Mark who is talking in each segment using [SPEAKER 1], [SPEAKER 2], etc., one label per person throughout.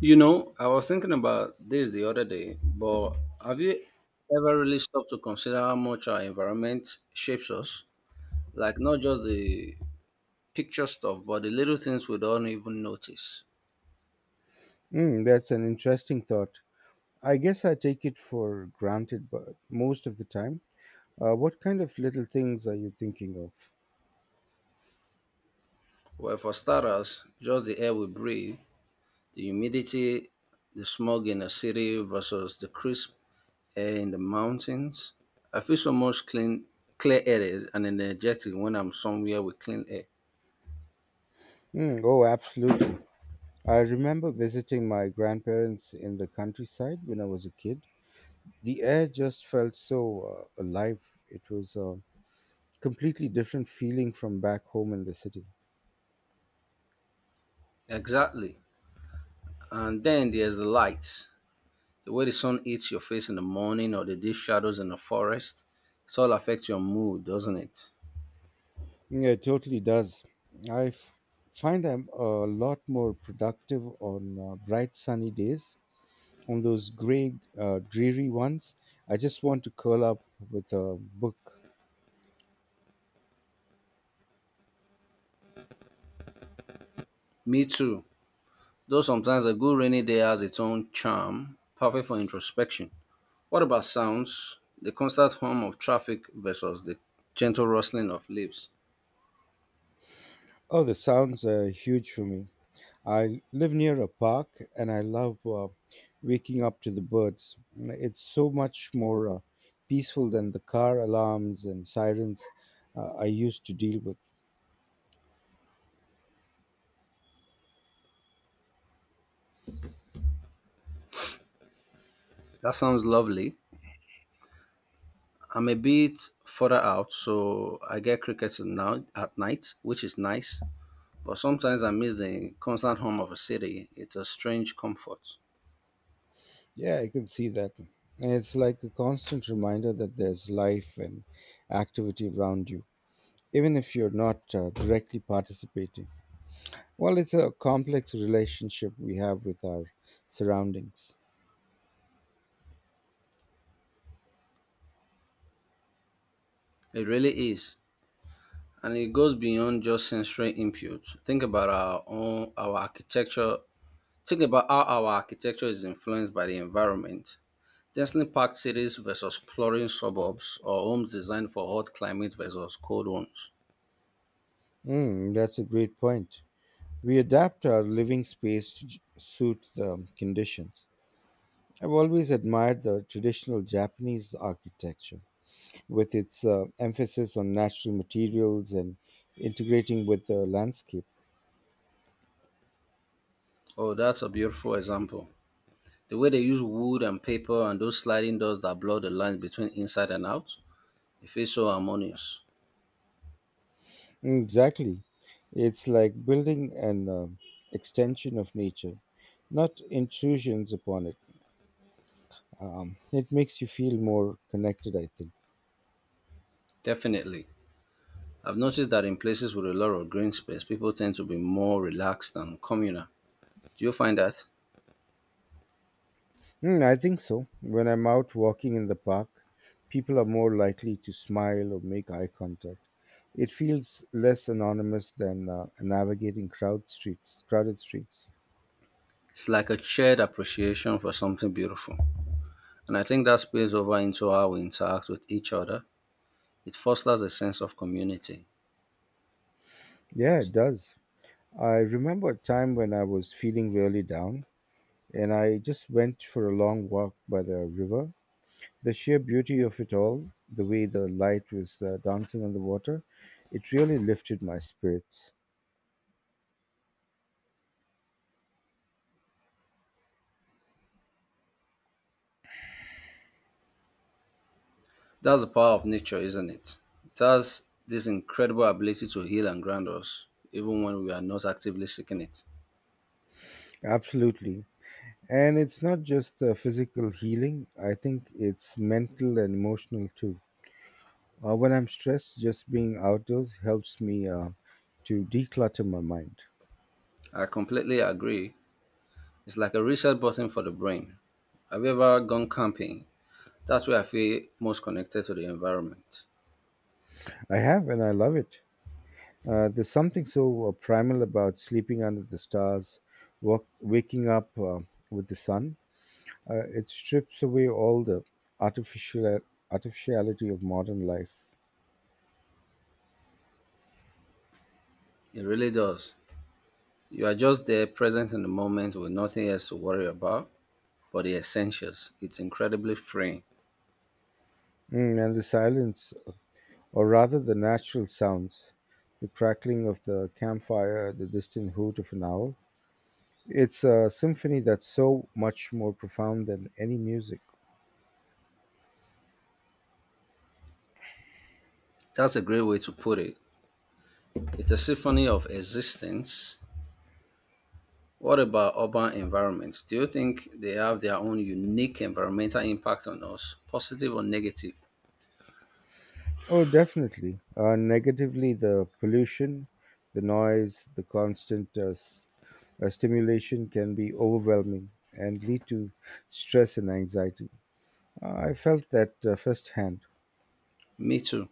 [SPEAKER 1] You know, I was thinking about this the other day, but have you ever really stopped to consider how much our environment shapes us? Like, not just the picture stuff, but the little things we don't even notice.
[SPEAKER 2] Mm, that's an interesting thought. I guess I take it for granted, but most of the time. What kind of little things are you thinking of?
[SPEAKER 1] Well, for starters, just the air we breathe, the humidity, the smog in a city versus the crisp air in the mountains. I feel so much clear-headed and energetic when I'm somewhere with clean air.
[SPEAKER 2] Mm, oh, absolutely. I remember visiting my grandparents in the countryside when I was a kid. The air just felt so alive. It was a completely different feeling from back home in the city.
[SPEAKER 1] Exactly. And then there's the lights. The way the sun hits your face in the morning or the deep shadows in the forest, it all affects your mood, doesn't it?
[SPEAKER 2] Yeah, it totally does. I f- find I'm a lot more productive on bright sunny days on those gray, dreary ones. I just want to curl up with a book.
[SPEAKER 1] Me too. Though sometimes a good rainy day has its own charm, perfect for introspection. What about sounds? The constant hum of traffic versus the gentle rustling of leaves.
[SPEAKER 2] Oh, the sounds are huge for me. I live near a park and I love waking up to the birds. It's so much more peaceful than the car alarms and sirens I used to deal with.
[SPEAKER 1] That sounds lovely. I'm a bit further out, so I get crickets at now at night, which is nice. But sometimes I miss the constant hum of a city. It's a strange comfort.
[SPEAKER 2] Yeah, I can see that. And it's like a constant reminder that there's life and activity around you, even if you're not directly participating. Well, it's a complex relationship we have with our surroundings.
[SPEAKER 1] It really is. And it goes beyond just sensory input. Think about our own our architecture. Think about how our architecture is influenced by the environment. Densely packed cities versus pluralist suburbs, or homes designed for hot climate versus cold ones.
[SPEAKER 2] Mm, that's a great point. We adapt our living space to suit the conditions. I've always admired the traditional Japanese architecture with its emphasis on natural materials and integrating with the landscape.
[SPEAKER 1] Oh, that's a beautiful example. The way they use wood and paper and those sliding doors that blur the lines between inside and out, it feels so harmonious.
[SPEAKER 2] Mm, exactly. It's like building an extension of nature, not intrusions upon it. It makes you feel more connected, I think.
[SPEAKER 1] Definitely. I've noticed that in places with a lot of green space, people tend to be more relaxed and communal. Do you find that?
[SPEAKER 2] Mm, I think so. When I'm out walking in the park, people are more likely to smile or make eye contact. It feels less anonymous than navigating crowded streets.
[SPEAKER 1] It's like a shared appreciation for something beautiful. And I think that spills over into how we interact with each other. It fosters a sense of community.
[SPEAKER 2] Yeah, it does. I remember a time when I was feeling really down and I just went for a long walk by the river. The sheer beauty of it all, the way the light was dancing on the water, it really lifted my spirits.
[SPEAKER 1] That's the power of nature, isn't it? It has this incredible ability to heal and ground us, even when we are not actively seeking it.
[SPEAKER 2] Absolutely. And it's not just physical healing, I think it's mental and emotional too. When I'm stressed, just being outdoors helps me to declutter my mind.
[SPEAKER 1] I completely agree. It's like a reset button for the brain. Have you ever gone camping? That's where I feel most connected to the environment.
[SPEAKER 2] I have, and I love it. There's something so primal about sleeping under the stars, waking up with the sun. It strips away all the artificial artificiality of modern life.
[SPEAKER 1] It really does. You are just there, present in the moment with nothing else to worry about but the essentials. It's incredibly freeing.
[SPEAKER 2] Mm, and the silence. Or rather the natural sounds, the crackling of the campfire, the distant hoot of an owl. It's a symphony that's so much more profound than any music.
[SPEAKER 1] That's a great way to put it. It's a symphony of existence. What about urban environments? Do you think they have their own unique environmental impact on us, positive or negative?
[SPEAKER 2] Oh, definitely. Negatively, the pollution, the noise, the constant stimulation can be overwhelming and lead to stress and anxiety. I felt that firsthand.
[SPEAKER 1] Me too.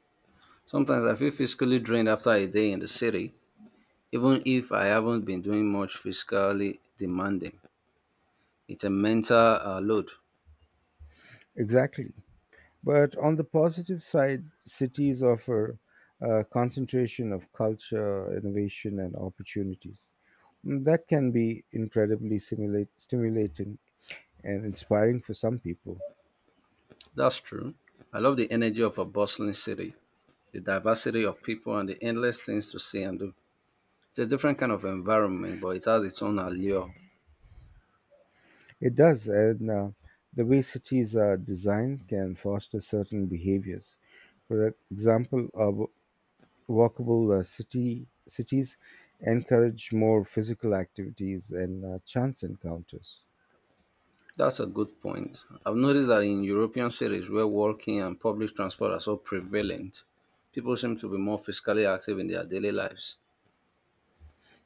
[SPEAKER 1] Sometimes I feel physically drained after a day in the city, even if I haven't been doing much physically demanding. It's a mental load.
[SPEAKER 2] Exactly. But on the positive side, cities offer a concentration of culture, innovation, and opportunities. Mm, that can be incredibly stimulating and inspiring for some people.
[SPEAKER 1] That's true. I love the energy of a bustling city, the diversity of people, and the endless things to see and do. It's a different kind of environment, but it has its own allure.
[SPEAKER 2] It does, and the way cities are designed can foster certain behaviors. For example, walkable city cities encourage more physical activities and chance encounters.
[SPEAKER 1] That's a good point. I've noticed that in European cities where walking and public transport are so prevalent, people seem to be more physically active in their daily lives.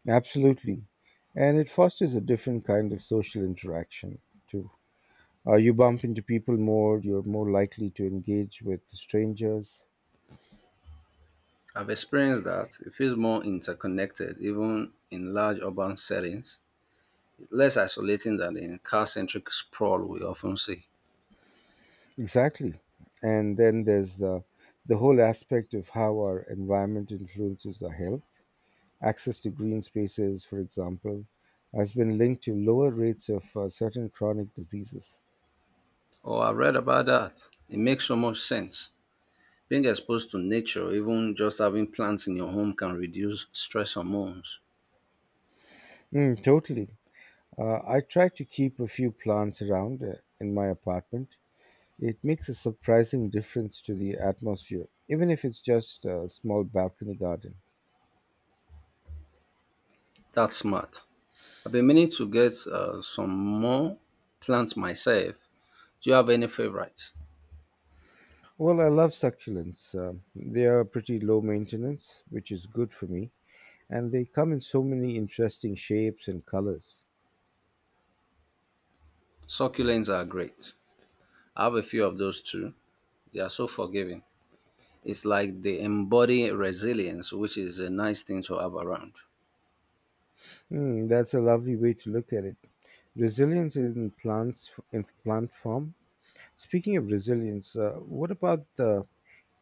[SPEAKER 2] Absolutely. And it fosters a different kind of social interaction, too. You bump into people more, you're more likely to engage with strangers.
[SPEAKER 1] I've experienced that. It feels more interconnected, even in large urban settings, less isolating than the car centric sprawl we often see.
[SPEAKER 2] Exactly. And then the whole aspect of how our environment influences our health. Access to green spaces, for example, has been linked to lower rates of certain chronic diseases.
[SPEAKER 1] Oh, I've read about that. It makes so much sense. Being exposed to nature, even just having plants in your home, can reduce stress hormones.
[SPEAKER 2] Mm, totally. I try to keep a few plants around in my apartment. It makes a surprising difference to the atmosphere, even if it's just a small balcony garden.
[SPEAKER 1] That's smart. I've been meaning to get some more plants myself. Do you have any favorites?
[SPEAKER 2] Well, I love succulents. They are pretty low maintenance, which is good for me, and they come in so many interesting shapes and colors.
[SPEAKER 1] Succulents are great. I have a few of those too. They are so forgiving. It's like they embody resilience, which is a nice thing to have around.
[SPEAKER 2] Hmm, that's a lovely way to look at it. Resilience in plant form. Speaking of resilience, what about the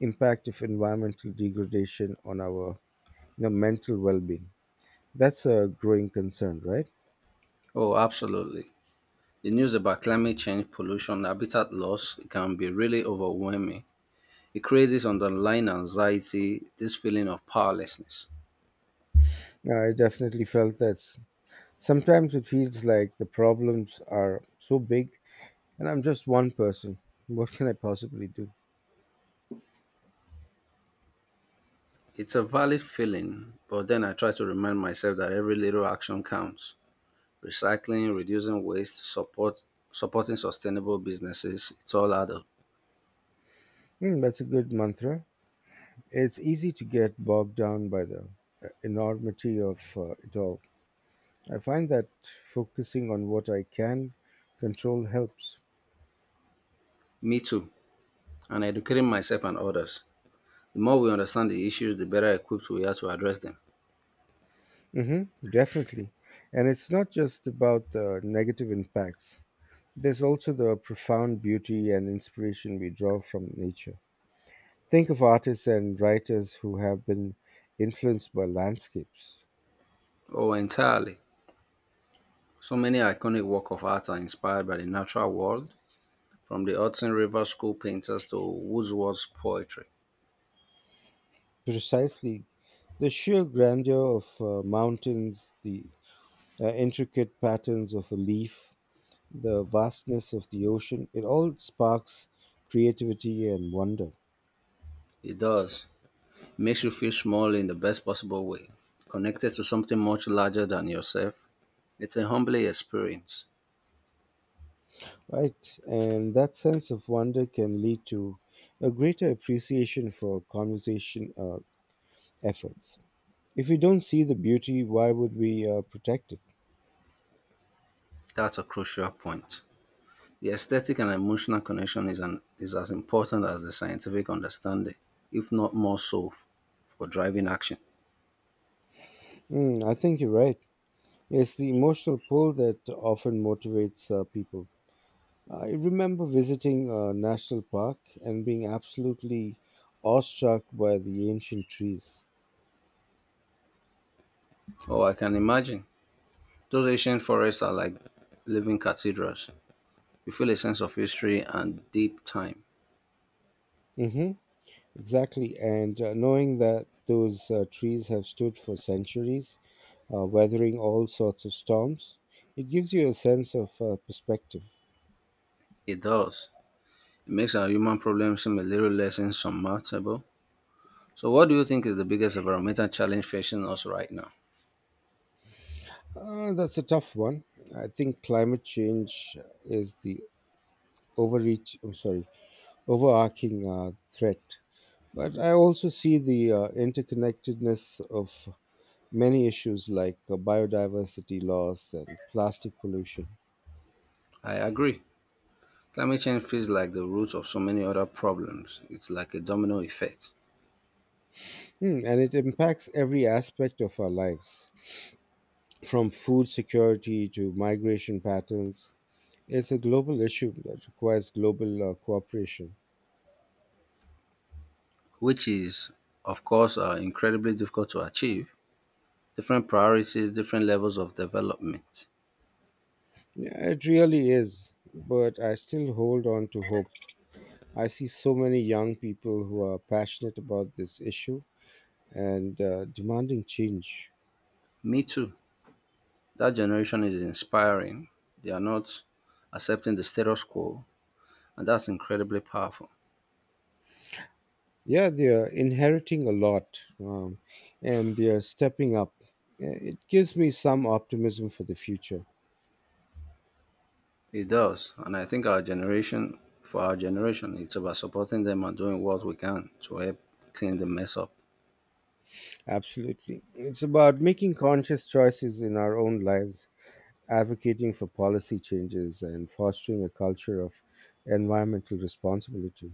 [SPEAKER 2] impact of environmental degradation on our, you know, mental well-being? That's a growing concern, right?
[SPEAKER 1] Oh, absolutely. The news about climate change, pollution, habitat loss, it can be really overwhelming. It creates this underlying anxiety, this feeling of powerlessness.
[SPEAKER 2] I definitely felt that. Sometimes it feels like the problems are so big and I'm just one person. What can I possibly do?
[SPEAKER 1] It's a valid feeling, but then I try to remind myself that every little action counts. Recycling, reducing waste, supporting sustainable businesses, it's all add up.
[SPEAKER 2] Hmm, that's a good mantra. It's easy to get bogged down by the enormity of it all. I find that focusing on what I can control helps.
[SPEAKER 1] Me too. And educating myself and others. The more we understand the issues, the better equipped we are to address them.
[SPEAKER 2] Hmm, definitely. And it's not just about the negative impacts, there's also the profound beauty and inspiration we draw from nature. Think of artists and writers who have been influenced by landscapes.
[SPEAKER 1] Oh, entirely. So many iconic works of art are inspired by the natural world, from the Hudson River school painters to Wordsworth's poetry.
[SPEAKER 2] Precisely. The sheer grandeur of mountains, the intricate patterns of a leaf, the vastness of the ocean, it all sparks creativity and wonder.
[SPEAKER 1] It does. Makes you feel small in the best possible way, connected to something much larger than yourself. It's a humbling experience.
[SPEAKER 2] Right, and that sense of wonder can lead to a greater appreciation for conservation efforts. If we don't see the beauty, why would we protect it?
[SPEAKER 1] That's a crucial point. The aesthetic and emotional connection is as important as the scientific understanding, if not more so, for driving action.
[SPEAKER 2] Mm, I think you're right. It's the emotional pull that often motivates people. I remember visiting a national park and being absolutely awestruck by the ancient trees.
[SPEAKER 1] Oh, I can imagine. Those ancient forests are like living cathedrals. You feel a sense of history and deep time.
[SPEAKER 2] Hmm, exactly. And knowing that those trees have stood for centuries, weathering all sorts of storms, it gives you a sense of perspective.
[SPEAKER 1] It does. It makes our human problems seem a little less insurmountable. So, what do you think is the biggest environmental challenge facing us right now?
[SPEAKER 2] That's a tough one. I think climate change is the overreach, I'm sorry, overarching threat. But I also see the interconnectedness of many issues like biodiversity loss and plastic pollution.
[SPEAKER 1] I agree. Climate change feels like the root of so many other problems. It's like a domino effect.
[SPEAKER 2] Hmm, and it impacts every aspect of our lives, from food security to migration patterns. It's a global issue that requires global cooperation.
[SPEAKER 1] Which is, of course, incredibly difficult to achieve. Different priorities, different levels of development.
[SPEAKER 2] Yeah, it really is, but I still hold on to hope. I see so many young people who are passionate about this issue and demanding change.
[SPEAKER 1] Me too. That generation is inspiring. They are not accepting the status quo, and that's incredibly powerful.
[SPEAKER 2] Yeah, they're inheriting a lot and they're stepping up. It gives me some optimism for the future.
[SPEAKER 1] It does, and I think for our generation, it's about supporting them and doing what we can to help clean the mess up.
[SPEAKER 2] Absolutely. It's about making conscious choices in our own lives, advocating for policy changes, and fostering a culture of environmental responsibility.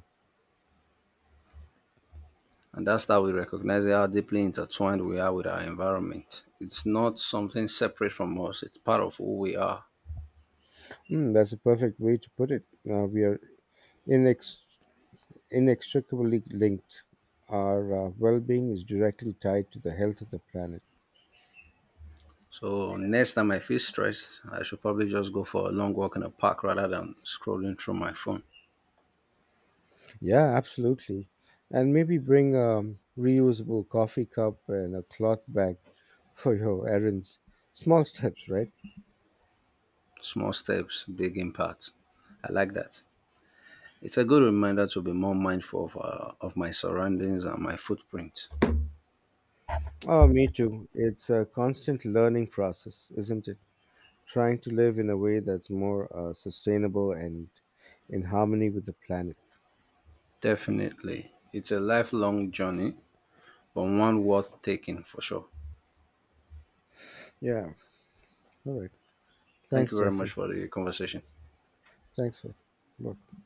[SPEAKER 1] And that's how we recognize how deeply intertwined we are with our environment. It's not something separate from us, it's part of who we are.
[SPEAKER 2] Mm, that's a perfect way to put it. We are inex- inextricably linked. Our well being is directly tied to the health of the planet.
[SPEAKER 1] So next time I feel stressed, I should probably just go for a long walk in a park rather than scrolling through my phone.
[SPEAKER 2] Yeah, absolutely. And maybe bring a reusable coffee cup and a cloth bag for your errands. Small steps, right?
[SPEAKER 1] Small steps, big impact. I like that. It's a good reminder to be more mindful of my surroundings and my footprint.
[SPEAKER 2] Oh, me too. It's a constant learning process, isn't it? Trying to live in a way that's more sustainable and in harmony with the planet.
[SPEAKER 1] Definitely. It's a lifelong journey, but one worth taking for sure.
[SPEAKER 2] Yeah. All right.
[SPEAKER 1] Thank you
[SPEAKER 2] Thanks,
[SPEAKER 1] very much
[SPEAKER 2] Jeffrey.
[SPEAKER 1] for the conversation.
[SPEAKER 2] Thanks for welcome.